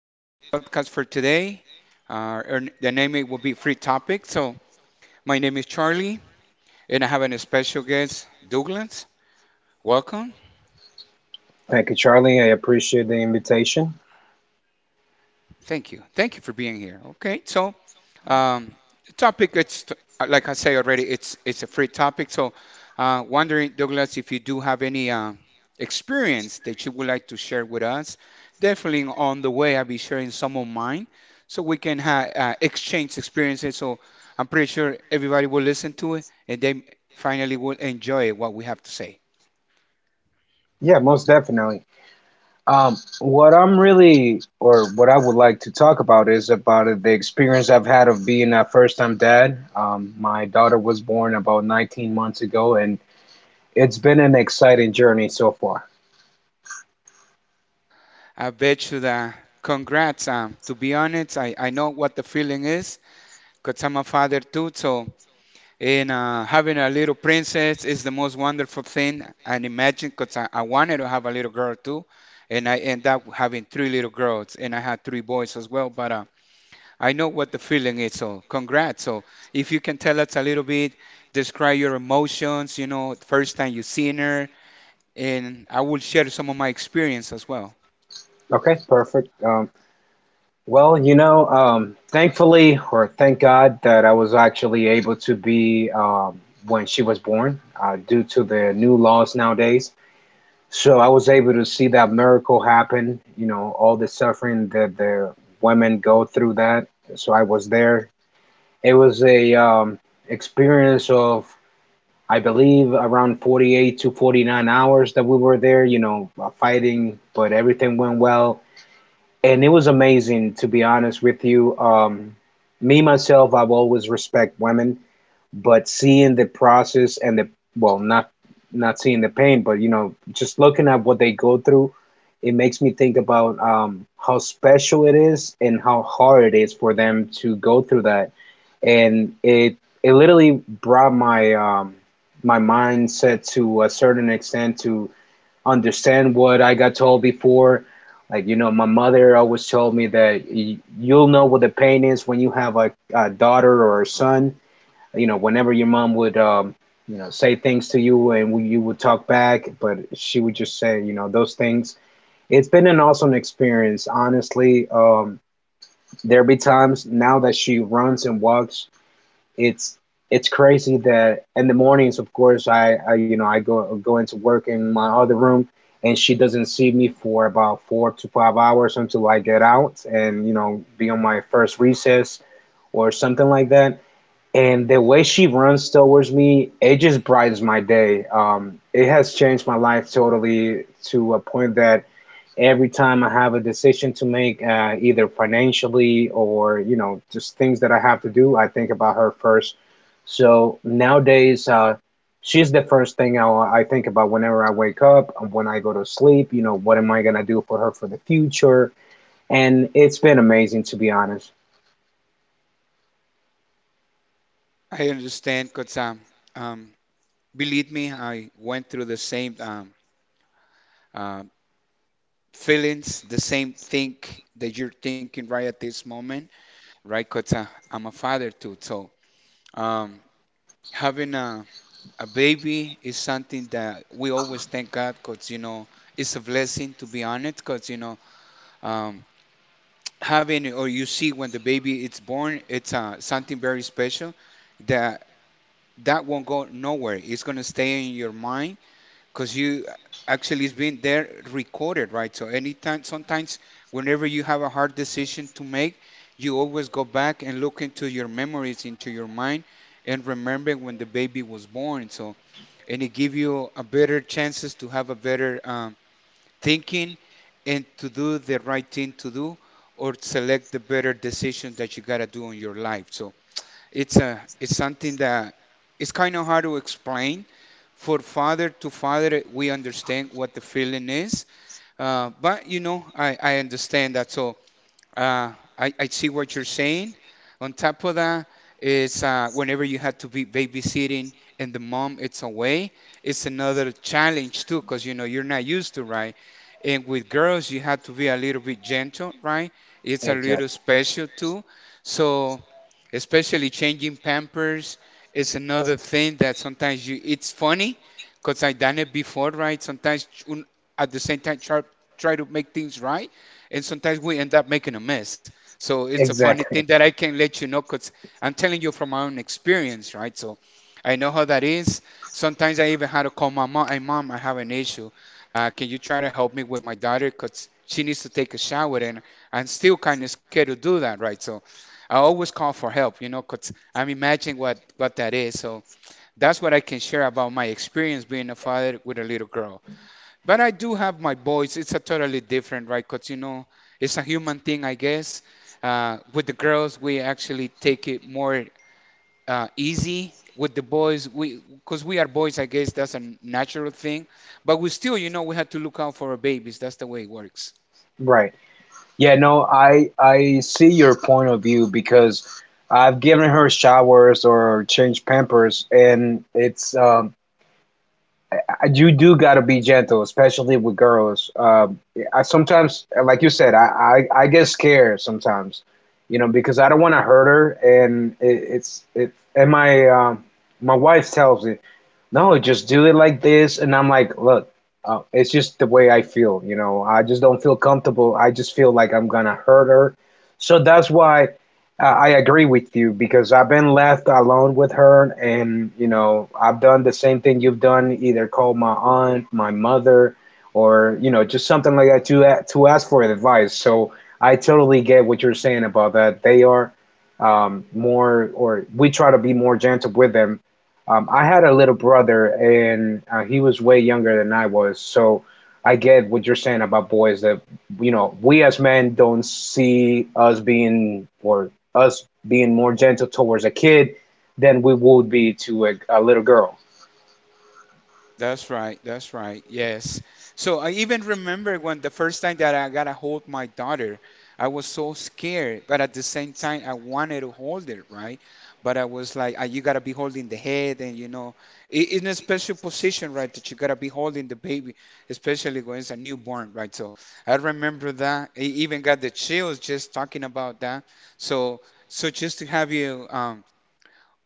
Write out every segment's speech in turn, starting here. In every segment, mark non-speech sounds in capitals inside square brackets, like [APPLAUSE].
this is our podcast for today. And the name it will be Free Topic. So my name is Charlie, and I have a special guest, Douglas. Welcome. Thank you, Charlie. I appreciate the invitation. Thank you. Thank you for being here. Okay, so Um, the topic, it's like I say already, it's a free topic. So, wondering, Douglas, if you do have any experience that you would like to share with us. Definitely on the way, I'll be sharing some of mine, so we can ha exchange experiences. So I'm pretty sure everybody will listen to it, and they finally will enjoy what we have to say. Yeah, most definitely. What I'm really, or what I would like to talk about is about the experience I've had of being a first-time dad. My daughter was born about 19 months ago, and it's been an exciting journey so far. I bet you that. Congrats. To be honest, I know what the feeling is because I'm a father too. So and having a little princess is the most wonderful thing. And imagine, because I wanted to have a little girl too, and I end up having three little girls, and I had three boys as well. But I know what the feeling is. So congrats. So if you can tell us a little bit, describe your emotions. You know, the first time you seen her, and I will share some of my experience as well. Okay, perfect. Thankfully, or thank God, that I was actually able to be when she was born due to the new laws nowadays. So I was able to see that miracle happen, you know, all the suffering that the women go through that. So I was there. It was a experience of, I believe, around 48 to 49 hours that we were there, fighting, but everything went well. And it was amazing, to be honest with you. Me, myself, I've always respect women, but seeing the process and the, well, not seeing the pain, but you know, just looking at what they go through, it makes me think about how special it is and how hard it is for them to go through that. And it literally brought my my mindset to a certain extent to understand what I got told before, like, you know, my mother always told me that you'll know what the pain is when you have a daughter or a son. You know, whenever your mom would, you know, say things to you and we, you would talk back, but she would just say, you know, those things. It's been an awesome experience, honestly. There be times now that she runs and walks. it's it's crazy that in the mornings, of course, I you know, I go into work in my other room, and she doesn't see me for about 4 to 5 hours until I get out and you know, be on my first recess or something like that. And the way she runs towards me, it just brightens my day. It has changed my life totally, to a point that every time I have a decision to make, either financially or you know, just things that I have to do, I think about her first. So nowadays, she's the first thing I think about whenever I wake up, when I go to sleep. You know, what am I gonna do for her for the future? And it's been amazing, to be honest. I understand, because um, believe me, I went through the same uh, feelings, the same think that you're thinking right at this moment, right? Because I'm a father too. So um, having a baby is something that we always thank God because, you know, it's a blessing to be honest because, you know, um, having or you see when the baby is born, it's something very special that won't go nowhere. It's going to stay in your mind because you actually it's been there recorded, right? So anytime, sometimes, whenever you have a hard decision to make, you always go back and look into your memories, into your mind, and remember when the baby was born. So and it give you a better chances to have a better thinking and to do the right thing to do or select the better decision that you gotta do in your life. So it's something that it's kind of hard to explain. For father to father, we understand what the feeling is. But you know, I understand that. So I see what you're saying. On top of that is whenever you have to be babysitting and the mom it's away, it's another challenge too, because you know you're not used to, right? And with girls, you have to be a little bit gentle, right? It's a little Exactly. special too. So especially changing pampers is another thing that sometimes you it's funny because I done it before, right? Sometimes at the same time try, to make things right and sometimes we end up making a mess. So it's a funny Exactly. thing that I can let you know because I'm telling you from my own experience, right? So I know how that is. Sometimes I even had to call my mom. Hey, mom, I have an issue. Can you try to help me with my daughter? Because she needs to take a shower, and I'm still kind of scared to do that, right? So I always call for help, you know, because I'm imagining what that is. So that's what I can share about my experience being a father with a little girl. But I do have my boys. It's a totally different, right? Because, you know, it's a human thing, I guess. With the girls, we actually take it more easy. With the boys, we, because we are boys, I guess that's a natural thing. But we still, you know, we had to look out for our babies. That's the way it works. Right. Yeah, no, I see your point of view because I've given her showers or changed Pampers, and it's you do got to be gentle, especially with girls. I sometimes, like you said, I get scared sometimes, you know, because I don't want to hurt her. And it, it's it and my my wife tells me, no, just do it like this. And I'm like, look, it's just the way I feel, you know. I just don't feel comfortable. I just feel like I'm gonna hurt her. So that's why I agree with you, because I've been left alone with her, and you know, I've done the same thing you've done, either call my aunt, my mother, or you know, just something like that to to ask for advice. So I totally get what you're saying about that. They are more, or we try to be more gentle with them. I had a little brother, and he was way younger than I was, so I get what you're saying about boys that, you know, we as men don't see us being or us being more gentle towards a kid than we would be to a little girl. That's right. That's right. Yes. So I even remember when the first time that I got to hold my daughter, I was so scared, but at the same time, I wanted to hold her, right? But I was like, "Ah, you got to be holding the head, and you know, in a special position, right? That you got to be holding the baby, especially when it's a newborn, right? So I remember that. I even got the chills just talking about that. So, so, just to have you,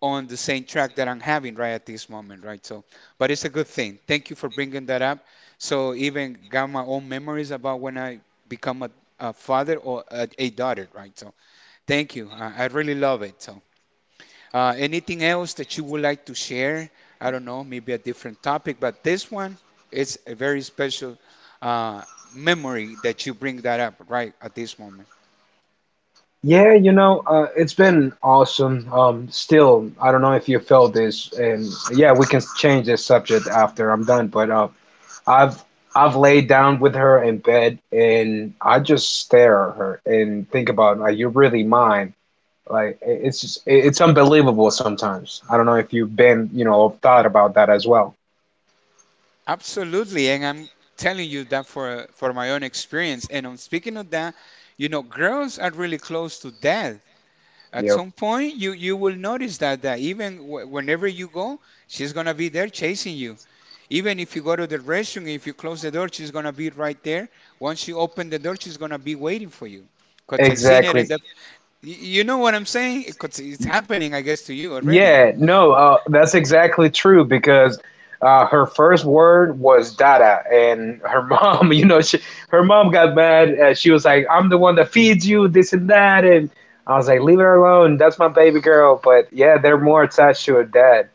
on the same track that I'm having right at this moment, right? So, but it's a good thing. Thank you for bringing that up. So, even got my own memories about when I become a father or a daughter, right? So, thank you. I really love it. So, anything else that you would like to share? I don't know, maybe a different topic, but this one is a very special uh, memory that you bring that up right at this moment. Yeah, you know, it's been awesome. Still, I don't know if you felt this, and yeah, we can change this subject after I'm done, but I've I've laid down with her in bed and I just stare at her and think about, like, you're really mine. Like, it's unbelievable sometimes. I don't know if you've been, you know, thought about that as well. Absolutely, and I'm telling you that for my own experience. And on speaking of that, you know, girls are really close to death. At Yep, some point, you will notice that even w whenever you go, she's gonna be there chasing you. Even if you go to the restroom, if you close the door, she's gonna be right there. Once you open the door, she's gonna be waiting for you. I've seen it exactly. in the, you know what I'm saying? 'Cause it's happening, I guess, to you already. Yeah, no, that's exactly true, because her first word was Dada, and her [LAUGHS] mom, you know, she, her mom got mad. She was like, "I'm the one that feeds you this and that," and I was like, "Leave her alone. That's my baby girl." But yeah, they're more attached to her dad.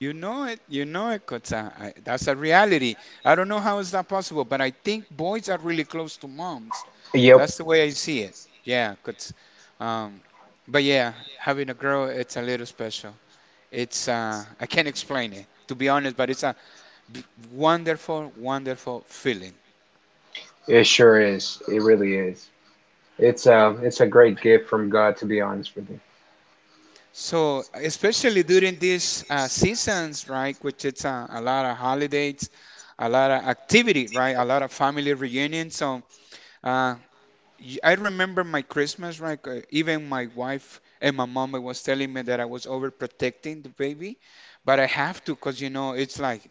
You know it. You know it, Kota. That's a reality. I don't know how is that possible, but I think boys are really close to moms. Yep, That's the way I see it. Yeah, 'cause, um, but yeah, having a girl, it's a little special. It's I can't explain it to be honest, but it's a wonderful, wonderful feeling. it sure is. It really is. It's a great gift from God, to be honest with you. So especially during these seasons, right, which it's a lot of holidays, a lot of activity, right, a lot of family reunions. So. Uh, I remember my Christmas, right? Even my wife and my mom was telling me that I was overprotecting the baby, but I have to because you know it's like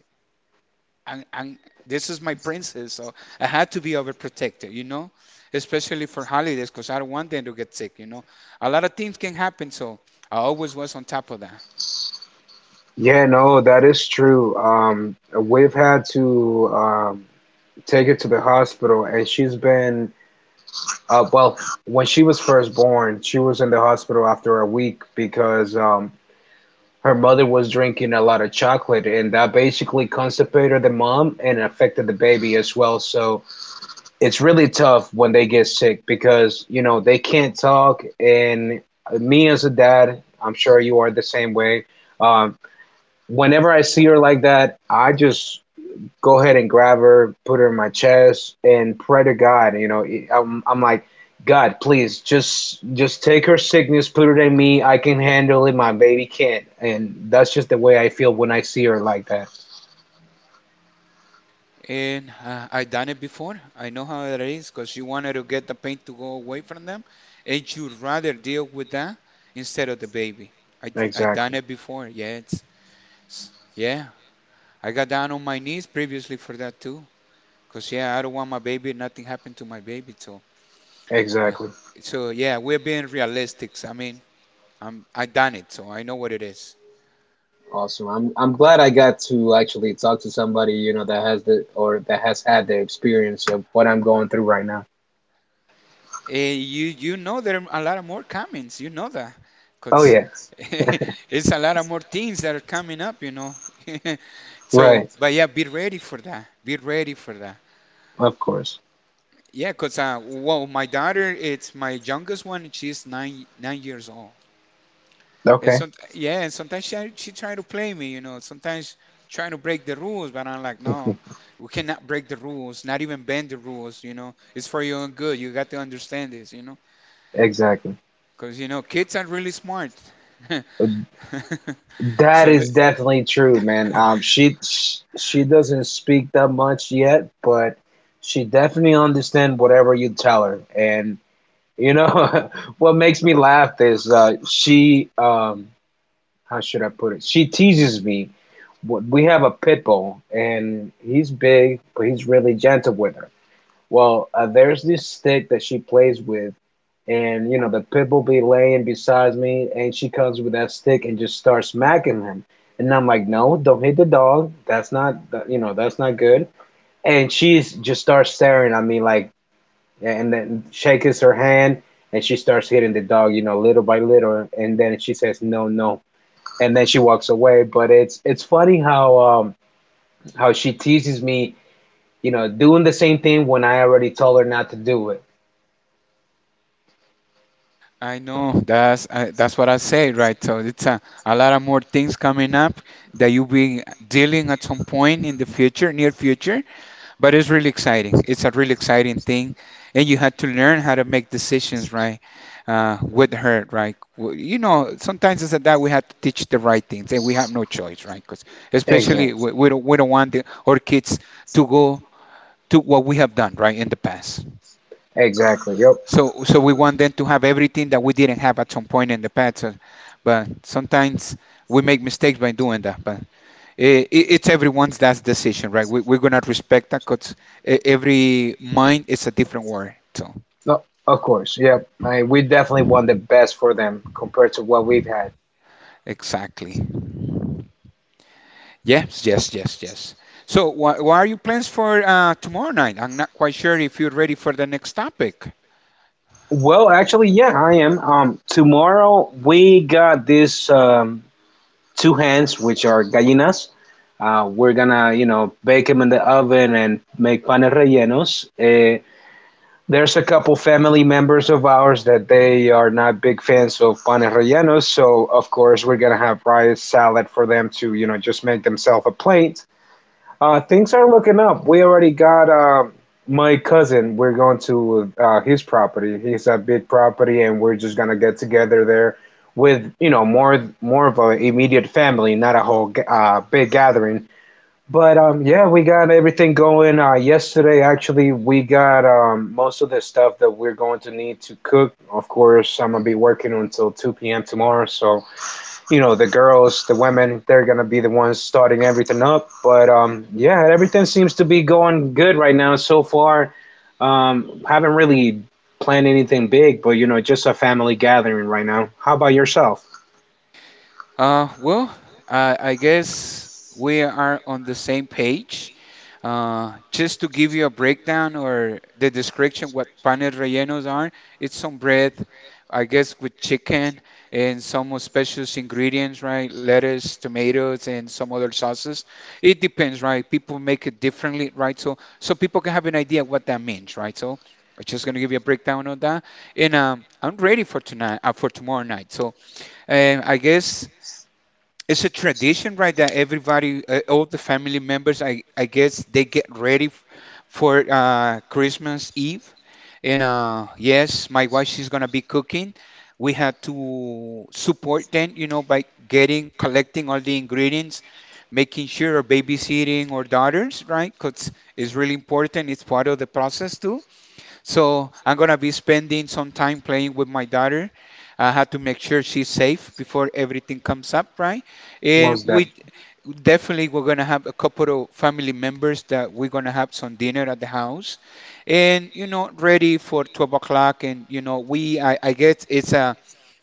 I'm, I'm- this is my princess, so I had to be overprotected, you know, especially for holidays because I don't want them to get sick, you know. A lot of things can happen, so I always was on top of that. Yeah, no, that is true. We've had to take her to the hospital, and she's been, well, when she was first born, she was in the hospital after a week because her mother was drinking a lot of chocolate, and that basically constipated the mom and affected the baby as well. So it's really tough when they get sick because, you know, they can't talk. And me as a dad, I'm sure you are the same way. Um, Whenever I see her like that, I just go ahead and grab her, put her in my chest, and pray to God. You know, I'm like, God, please just take her sickness, put it in me. I can handle it. My baby can't. And that's just the way I feel when I see her like that. And I done it before. I know how it is because you wanted to get the pain to go away from them, and you'd rather deal with that instead of the baby. I done Exactly. it before. Yeah, yeah. I got down on my knees previously for that too. Cause yeah, I don't want my baby. Nothing happened to my baby. So, uh, Exactly. so yeah, we're being realistic. I mean, I done it, so I know what it is. Awesome. I'm glad I got to actually talk to somebody, you know, that has the or that has had the experience of what I'm going through right now. Eh, you know there are a lot of more comments. You know that, Oh 'cause yeah. [LAUGHS] it's a lot of more things that are coming up. You know, [LAUGHS] so Right. but yeah, be ready for that. Be ready for that. Of course. Yeah, 'cause well, my daughter, it's my youngest one. She's nine years old, and Okay. some yeah, and sometimes she try to play me. You know, sometimes trying to break the rules, but I'm like, no, we cannot break the rules. Not even bend the rules. You know, it's for your own good. You got to understand this. You know. Exactly. Because you know, kids are really smart. [LAUGHS] That So they, is definitely true, man. She doesn't speak that much yet, but she definitely understands whatever you tell her. And you know, [LAUGHS] what makes me laugh is she how should I put it? She teases me. We have a pit bull, and he's big, but he's really gentle with her. Well, there's this stick that she plays with, and you know, the pit bull be laying beside me, and she comes with that stick and just starts smacking him. And I'm like, no, don't hit the dog. That's not, you know, that's not good. And she's just starts staring at me, like, and then shakes her hand, and she starts hitting the dog, you know, little by little. And then she says, no, no, and then she walks away. But it's funny how she teases me, you know, doing the same thing when I already told her not to do it. I know that's I, that's what I say, right? So it's a lot of more things coming up that you'll be dealing at some point in the future, near future. But it's really exciting. It's a really exciting thing, and you had to learn how to make decisions, right? With her, right? You know, sometimes it's that we have to teach the right things, and we have no choice, right? Because especially Exactly. we don't want our kids to go to what we have done, right, in the past. Exactly. Yep. So, so we want them to have everything that we didn't have at some point in the past. But sometimes we make mistakes by doing that. But I it's everyone's that's decision, right? We're gonna respect that because every mind is a different word. So No, of course, yeah. I, we definitely want the best for them compared to what we've had. exactly. Yes, yes, yes, yes. So, what are your plans for tomorrow night? I'm not quite sure if you're ready for the next topic. Well, actually, yeah, I am. Tomorrow we got this two hens, which are gallinas. We're gonna, you know, bake them in the oven and make panes rellenos. There's a couple family members of ours that they are not big fans of panes rellenos, so of course we're gonna have rice salad for them to, you know, just make themselves a plate. Things are looking up. We already got my cousin. We're going to his property. He's a big property, and we're just gonna get together there with you know, more of a immediate family, not a whole big gathering. But yeah, we got everything going. Yesterday, actually, we got most of the stuff that we're going to need to cook. Of course, I'm gonna be working until 2 p.m. tomorrow, so you know, the girls, the women, they're gonna be the ones starting everything up. But yeah, everything seems to be going good right now so far. Haven't really planned anything big, but you know, just a family gathering right now. How about yourself, Well, I guess we are on the same page. Just to give you a breakdown or the description what panes rellenos are, it's some bread, I guess with chicken and some special ingredients, right? Lettuce, tomatoes, and some other sauces. It depends, right? People make it differently, right? So people can have an idea what that means, right? So I'm just gonna give you a breakdown on that, and I'm ready for tonight, for tomorrow night. So I guess it's a tradition, right? That everybody, all the family members, I guess they get ready for Christmas Eve. And yes, my wife, she's gonna be cooking. We had to support them, you know, by getting, collecting all the ingredients, making sure or babysitting our daughters, right? Because it's really important. It's part of the process too. So I'm gonna be spending some time playing with my daughter. I had to make sure she's safe before everything comes up, right? And Most Def? we definitely we're gonna have a couple of family members that we're gonna have some dinner at the house, and ready for 12 o'clock. And I guess it's a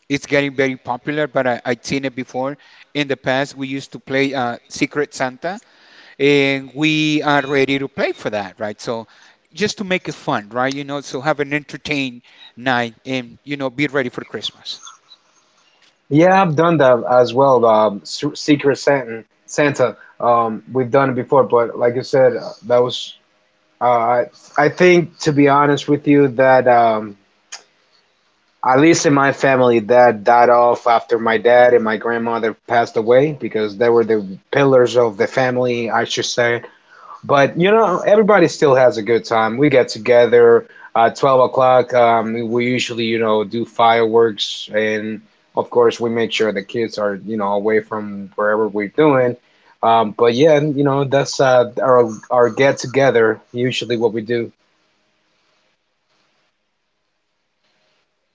it's getting very popular, but I'd seen it before in the past. We used to play Secret Santa and we are ready to play for that, right? So just to make it fun, right? So have an entertain night and be ready for Christmas. Yeah, I've done that as well. Secret Santa, Santa. We've done it before, but like you said, that was. Uh, I I think to be honest with you that at least in my family that died off after my dad and my grandmother passed away, because they were the pillars of the family, I should say. But you know, everybody still has a good time. We get together at 12 o'clock. We usually, you know, do fireworks, and of course we make sure the kids are, you know, away from wherever we're doing. But yeah, you know, that's our get together, usually what we do.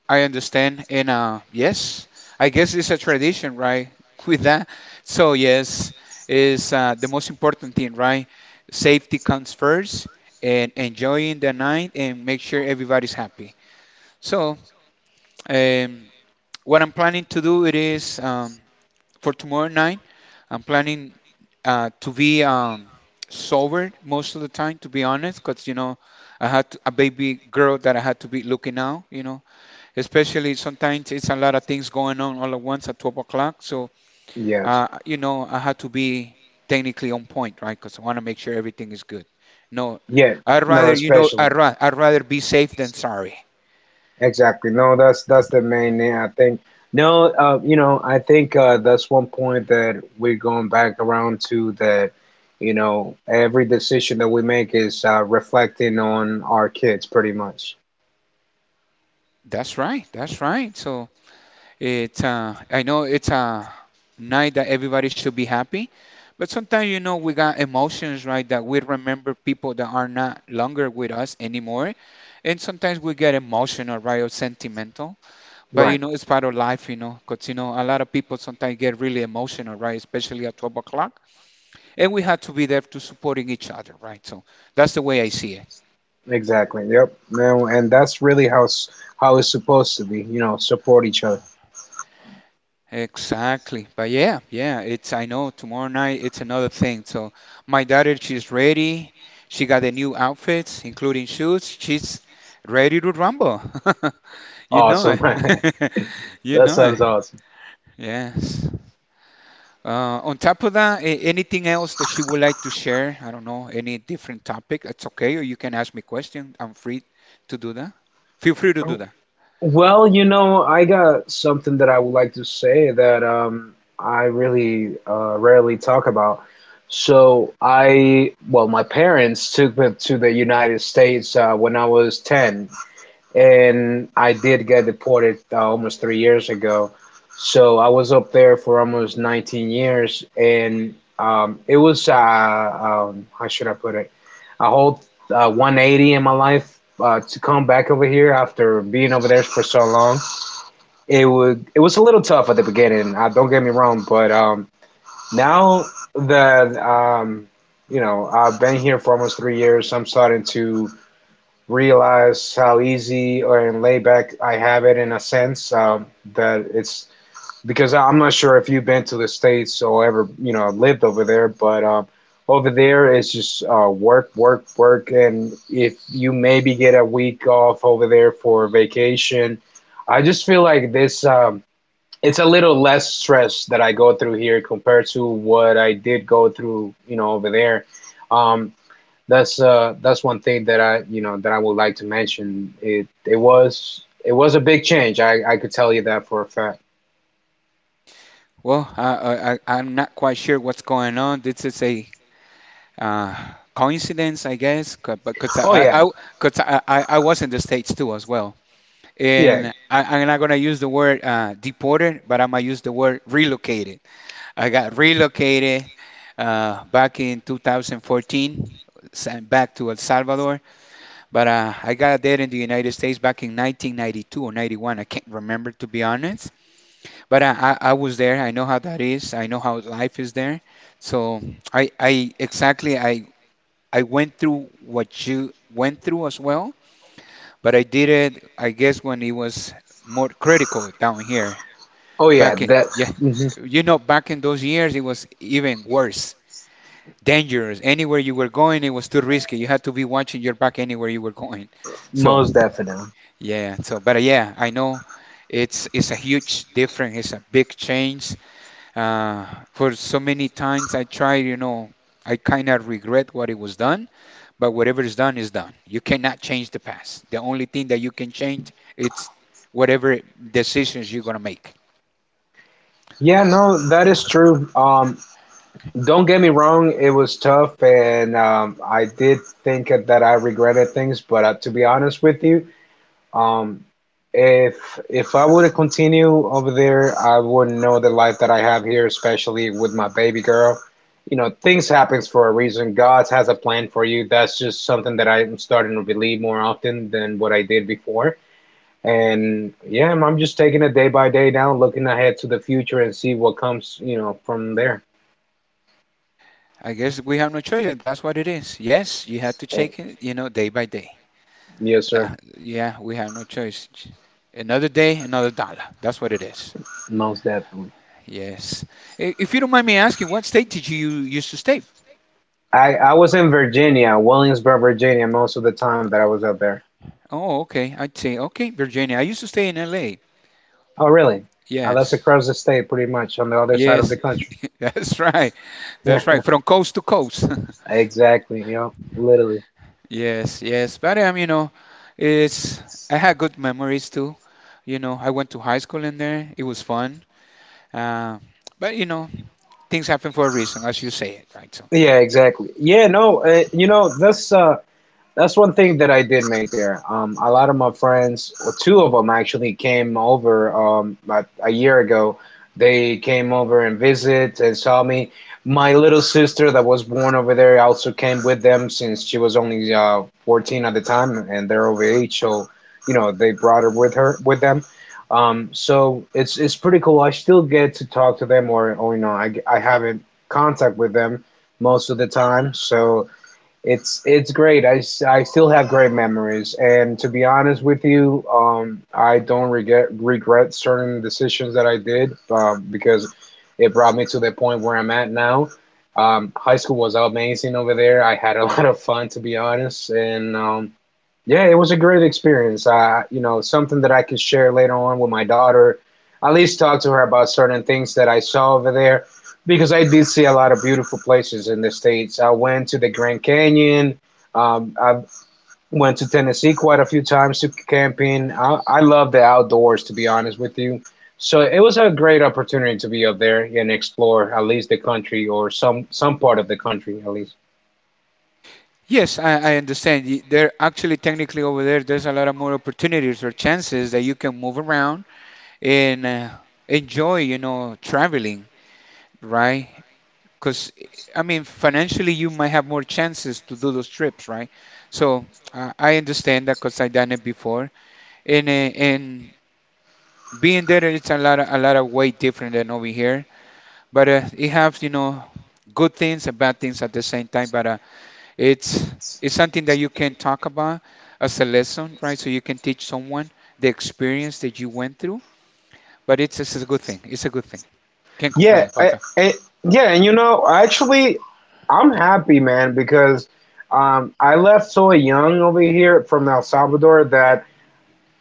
I understand, and yes, I guess it's a tradition, right? [LAUGHS] With that, so yes, is the most important thing, right? Safety comes first, and enjoying the night and make sure everybody's happy. So um, what I'm planning to do it is. For tomorrow night, I'm planning to be sober most of the time, to be honest, because I had to- a baby girl that I had to be looking out. You know, especially sometimes it's a lot of things going on all at once at 12 o'clock. So Yes. You know I had to be technically on point, right? Because I want to make sure everything is good. No, Yeah, I'd no, rather especially. I'd rather be safe than sorry. Exactly. No, that's the main thing, I think. No, you know, I think that's one point that we're going back around to, that, you know, every decision that we make is reflecting on our kids, pretty much. That's right. That's right. So. It's I know it's a night that everybody should be happy, but sometimes you know we got emotions, right? That we remember people that are not longer with us anymore, and sometimes we get emotional, right, or sentimental. But you Right. know it's part of life, you know, because you know a lot of people sometimes get really emotional, right? Especially at 12 o'clock, and we have to be there to supporting each other, right? So that's the way I see it. Exactly. Yep. No, and that's really how it's supposed to be. You know, support each other. Exactly. But yeah, yeah, it's I know tomorrow night it's another thing. So my daughter, she's ready. She got the new outfits, including shoes. She's ready to rumble. [LAUGHS] You know it. Awesome. [LAUGHS] [LAUGHS] You That know it. sounds awesome. Yes. On top of that, anything else that you would like to share? I don't know, any different topic? That's okay, or you can ask me question. I'm free to do that. Feel free to do that. Well, you know, I got something that I would like to say that I really rarely talk about. So well, my parents took me to the United States when I was 10, and I did get deported almost 3 years ago. So I was up there for almost 19 years, and it was how should I put it? A whole 180 in my life to come back over here after being over there for so long. It was a little tough at the beginning. Don't get me wrong, but now that you know, I've been here for almost 3 years, I'm starting to realize how easy or in layback I have it in a sense that it's, because I'm not sure if you've been to the States or ever, you know, lived over there, but over there it's just work, work, work. And if you maybe get a week off over there for vacation, I just feel like this, it's a little less stress that I go through here compared to what I did go through, you know, over there. Um, that's one thing that I you know that I would like to mention. It was a big change. I could tell you that for a fact. Well, I'm not quite sure what's going on. This is a uh, coincidence, I guess, c- but because Oh, yeah, I, cause I was in the States too as well. yeah, And I'm not going to use the word deported, but I'm going to use the word relocated. I got relocated back in 2014 sent back to El Salvador, but I got there in the United States back in 1992 or 91. I can't remember to be honest, but I was there. I know how that is. I know how life is there. So I exactly I went through what you went through as well, but I did it, I guess, when it was more critical down here. oh yeah. Back in, That, yeah, mhm, you know, back in those years, it was even worse, dangerous. Anywhere you were going, it was too risky. You had to be watching your back anywhere you were going. most So, definitely. yeah, so, but yeah, I know it's a huge difference. It's a big change. Uh, for so many times I tried, you know, I kind of regret what it was done. But whatever is done is done. You cannot change the past. The only thing that you can change it's whatever decisions you're gonna make. Yeah, no, that is true. Don't get me wrong, it was tough, and I did think that I regretted things. But to be honest with you, Um, if I would continue over there, I wouldn't know the life that I have here, especially with my baby girl. You know, things happens for a reason. God has a plan for you. That's just something that I'm starting to believe more often than what I did before. And yeah, I'm just taking it day by day now, looking ahead to the future and see what comes, you know, from there. I guess we have no choice. That's what it is. Yes, you have to Eh, check it, you know, day by day. Yes, sir. Yeah, we have no choice. Another day, another dollar. That's what it is. Most definitely. Yes. If you don't mind me asking, what state did you used to stay? I was in Virginia, Williamsburg, Virginia, most of the time that I was up there. Oh, okay. I'd say, okay, Virginia. I used to stay in LA. Oh, really? That's Yes. across the state, pretty much, on the other side of the Yes. country. [LAUGHS] That's right. That's right. From coast to coast. [LAUGHS] [LAUGHS] Exactly. You know, literally. Yes, yes, but you know, it's I had good memories too. You know, I went to high school in there. It was fun. Um, but you know, things happen for a reason, as you say it, right? So Yeah, exactly. Yeah, no, you know, this that's one thing that I did make there. A lot of my friends, or two of them actually, came over a year ago. They came over and visit and saw me. My little sister that was born over there also came with them since she was only 14 at the time, and they're over age, so you know they brought her with them. So it's pretty cool. I still get to talk to them, or you know, I have in contact with them most of the time. So it's great. I still have great memories, and to be honest with you, I don't regret certain decisions that I did because it brought me to the point where I'm at now. High school was amazing over there. I had a [LAUGHS] lot of fun, to be honest, and yeah, it was a great experience. Something that I could share later on with my daughter. At least talk to her about certain things that I saw over there, because I did see a lot of beautiful places in the States. I went to the Grand Canyon. I went to Tennessee quite a few times to camping. I love the outdoors, to be honest with you. So it was a great opportunity to be up there and explore at least the country, or some part of the country at least. yes, I understand. There actually, technically, over there, there's a lot of more opportunities or chances that you can move around and enjoy, you know, traveling, right? Because I mean, financially, you might have more chances to do those trips, right? So I understand that because I done it before and being there it's a lot of way different than over here but it has you know good things and bad things at the same time but it's it's something that you can talk about as a lesson, right? So you can teach someone the experience that you went through, but it's a good thing, it's a good thing. Can't complain Yeah, about that. Yeah, and you know, actually, I'm happy, man, because I left so young over here from El Salvador that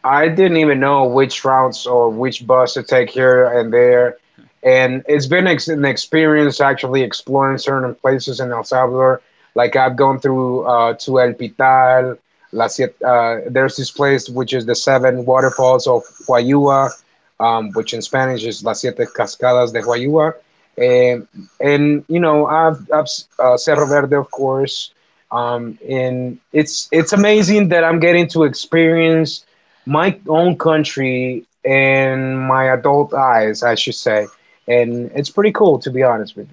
I didn't even know which routes or which bus to take here and there. And it's been an experience actually exploring certain places in El Salvador. Like I've gone through to El Pital, La Siete, there's this place which is the Seven Waterfalls of Huayua, which in Spanish is Las Siete Cascadas de Huayua. And, and you know, I've Cerro Verde, of course. And it's amazing that I'm getting to experience my own country in my adult eyes, I should say. And it's pretty cool, to be honest with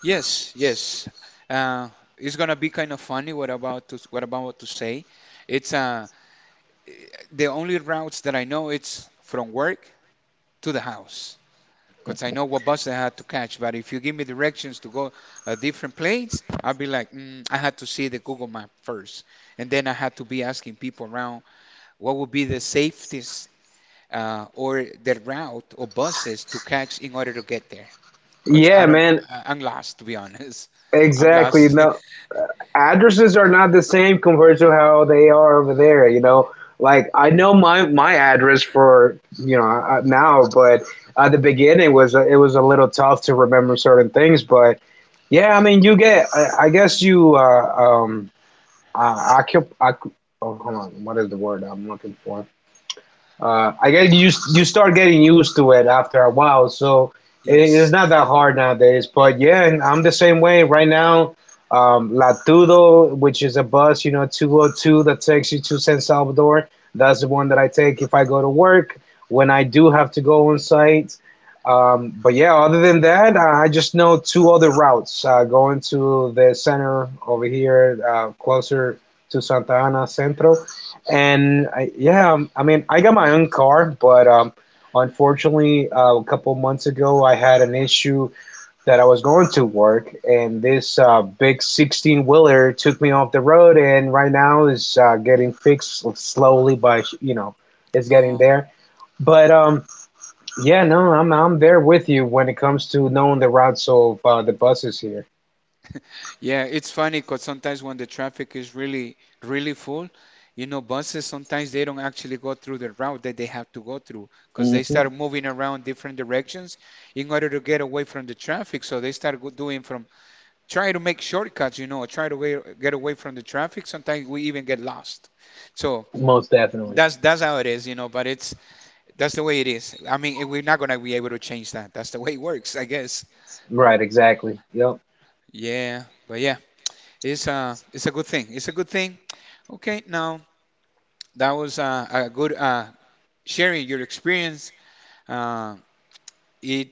Yes, yes, uh, it's gonna be kind of funny what about to what I'm about to say. It's the only routes that I know it's from work to the house because I know what bus I had to catch. But if you give me directions to go a different place, I'll be like, I had to see the Google map first, and then I had to be asking people around what would be the safest or the route or buses to catch in order to get there. you. Because I Yeah, don't, man, I'm lost to be honest. [LAUGHS] I'm exactly. lost. [LAUGHS] No, addresses are not the same compared to how they are over there. You know, like I know my address for you know now, but at the beginning it was a little tough to remember certain things. But yeah, I mean, you get. I guess you uh, occup. Occup- oh, hold on. What is the word I'm looking for? I guess you start getting used to it after a while, so it's Yes. not that hard nowadays. But yeah, and I'm the same way right now. Latudo, which is a bus, you know, 202 that takes you to San Salvador. That's the one that I take if I go to work when I do have to go on site. But yeah, other than that, I just know two other routes going to the center over here, closer to Santa Ana Centro, and yeah, I mean, I got my own car, but unfortunately, a couple months ago, I had an issue that I was going to work, and this big 16 wheeler took me off the road, and right now is getting fixed slowly by, you know, it's getting Oh. there. But yeah, no, I'm there with you when it comes to knowing the routes of the buses here. Yeah, it's funny because sometimes when the traffic is really, really full, you know, buses sometimes they don't actually go through the route that they have to go through because they hmm start moving around different directions in order to get away from the traffic. So they start doing from try to make shortcuts, you know, or try to get away from the traffic. Sometimes we even get lost. So Most definitely. that's how it is, you know. But it's that's the way it is. I mean, we're not gonna to be able to change that. That's the way it works, I guess. Right, exactly. Yep. Yeah, yeah, but yeah. It's a good thing. It's a good thing. Okay, now that was a good sharing your experience. Uh, it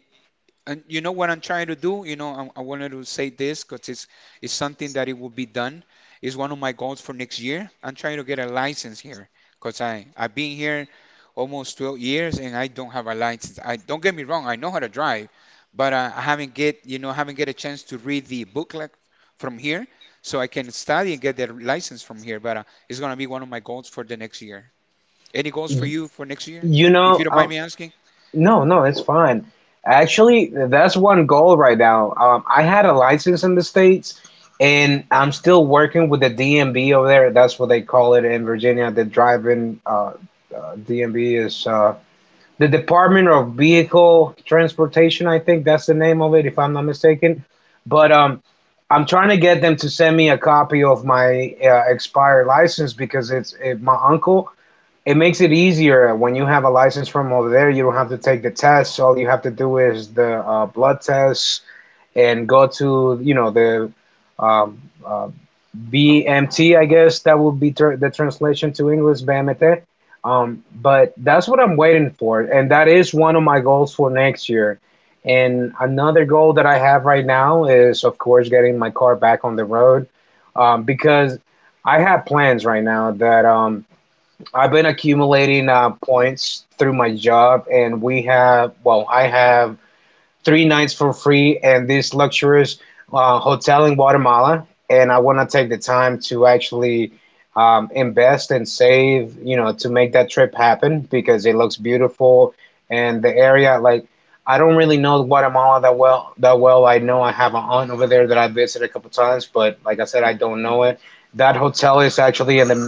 and you know what I'm trying to do, you know, I wanted to say this because it's something that it will be done. It's one of my goals for next year. I'm trying to get a license here because I've been here almost 12 years and I don't have a license. I don't get me wrong, I know how to drive, but I haven't get you know haven't get a chance to read the booklet from here, so I can study and get their license from here. But it's gonna be one of my goals for the next year. Any goals for Y- you for next year? You If you know, don't uh, mind me asking. No, no, it's fine. Actually, that's one goal right now. I had a license in the States, and I'm still working with the DMV over there. That's what they call it in Virginia. The driving DMV is the Department of Vehicle Transportation, I think that's the name of it, if I'm not mistaken. But I'm trying to get them to send me a copy of my expired license because it's it, my uncle it makes it easier when you have a license from over there. You don't have to take the tests. All you have to do is the blood tests and go to you know the um, uh, BMT. I guess that would be the translation to English BMT. But that's what I'm waiting for, and that is one of my goals for next year. And another goal that I have right now is, of course, getting my car back on the road because I have plans right now that I've been accumulating points through my job, and we have, well, I have three nights for free and this luxurious hotel in Guatemala, and I want to take the time to actually invest and save, you know, to make that trip happen because it looks beautiful and the area, like, I don't really know Guatemala that well, I know I have an aunt over there that I visited a couple times, but like I said, I don't know it. That hotel is actually in the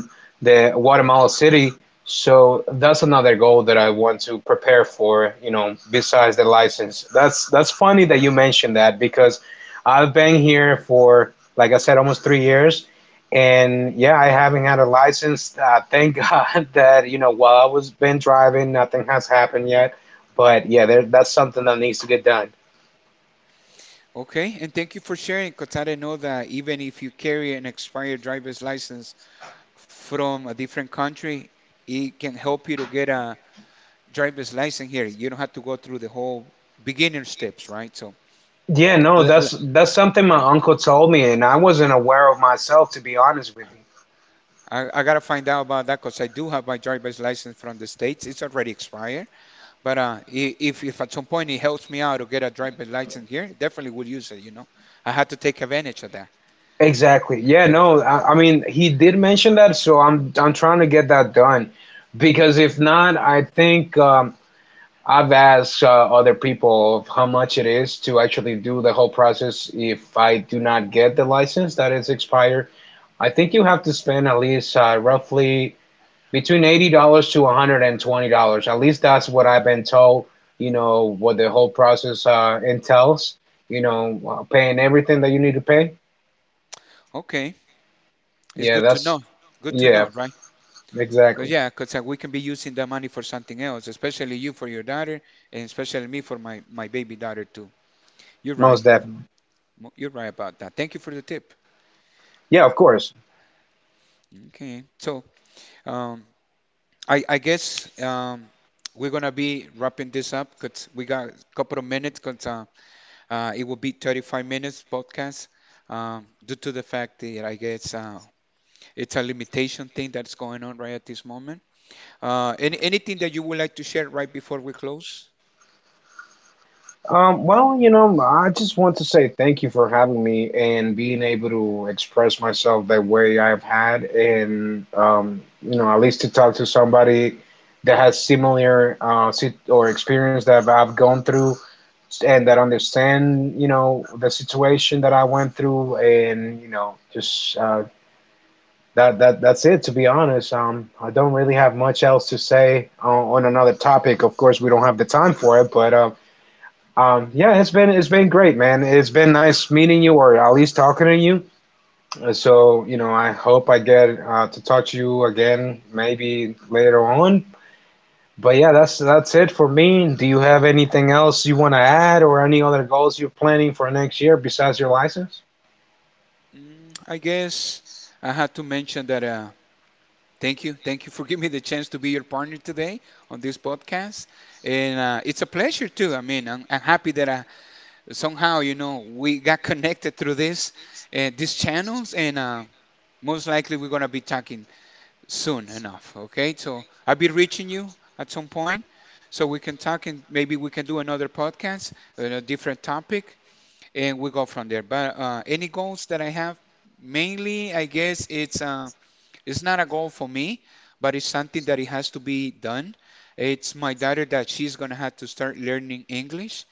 the Guatemala City, so that's another goal that I want to prepare for, you know, besides the license. That's funny that you mentioned that because I've been here for, like I said, almost 3 years, and yeah, I haven't had a license. Thank [LAUGHS] God that you know while I was been driving, nothing has happened yet. But yeah, there, that's something that needs to get done. Okay, and thank you for sharing, because I didn't know that even if you carry an expired driver's license from a different country, it can help you to get a driver's license here. You don't have to go through the whole beginner steps, right? So Yeah, no, l- l- that's something my uncle told me, and I wasn't aware of myself, to be honest with you. I gotta find out about that because I do have my driver's license from the States. It's already expired, but if at some point it helps me out to get a driver's license here, definitely will use it, you know. I had to take advantage of that. Exactly. Yeah, no, I mean, he did mention that, so I'm trying to get that done because if not, I think I've asked other people of how much it is to actually do the whole process if I do not get the license that is expired. I think you have to spend at least roughly between $80 to $120. At least that's what I've been told, you know, what the whole process entails, you know, paying everything that you need to pay. Okay, it's Yeah, good to that's. know. Good to know, Yeah, right? Cause exactly. yeah, cause we can be using that money for something else, especially you for your daughter, and especially me for my baby daughter too. You're right. Most definitely. You're right about that. Thank you for the tip. Yeah, of course. Okay, so um, I guess we're gonna be wrapping this up because we got a couple of minutes. Cause it will be 35 minutes podcast. Due to the fact that I guess it's a limitation thing that's going on right at this moment. Anything that you would like to share right before we close? Well, you know, I just want to say thank you for having me and being able to express myself the way I've had, and you know, at least to talk to somebody that has similar or experience that I've gone through, and that understand, you know, the situation that I went through, and you know, just that that that's it. To be honest, I don't really have much else to say on another topic. Of course, we don't have the time for it, but yeah, it's been great, man. It's been nice meeting you, or at least talking to you. So you know, I hope I get to talk to you again, maybe later on. But yeah, that's it for me. Do you have anything else you want to add, or any other goals you're planning for next year besides your license? I guess I had to mention that. Thank you for giving me the chance to be your partner today on this podcast, and it's a pleasure too. I mean, I'm happy that I, somehow you know we got connected through this these channels, and most likely we're gonna be talking soon enough. Okay, so I'll be reaching you at some point, so we can talk and maybe we can do another podcast on a different topic and we go from there. But any goals that I have, mainly, I guess it's not a goal for me, but it's something that it has to be done. It's my daughter that she's gonna have to start learning English,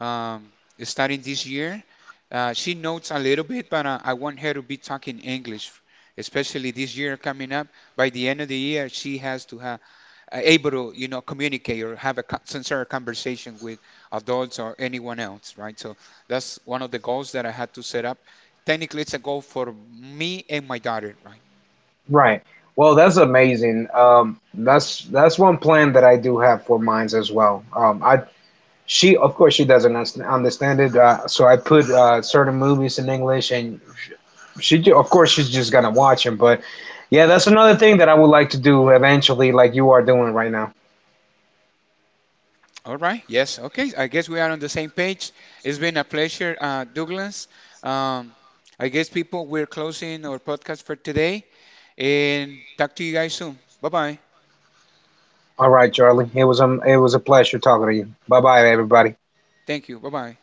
um, starting this year. She knows a little bit, but I want her to be talking English, especially this year coming up. By the end of the year, she has to have able to you know communicate or have a sincere conversation with adults or anyone else, right? So that's one of the goals that I had to set up. Technically it's a goal for me and my daughter, right? Right. Well, that's amazing. That's one plan that I do have for mines as well. I she of course she doesn't understand it, so I put certain movies in English, and she of course she's just gonna watch them. But yeah, that's another thing that I would like to do eventually, like you are doing right now. All right, yes. Okay, I guess we are on the same page. It's been a pleasure, Douglas. um, I guess people we're closing our podcast for today and talk to you guys soon. Bye bye. All right, Charlie. It was a pleasure talking to you. Bye bye, everybody. Thank you. Bye bye.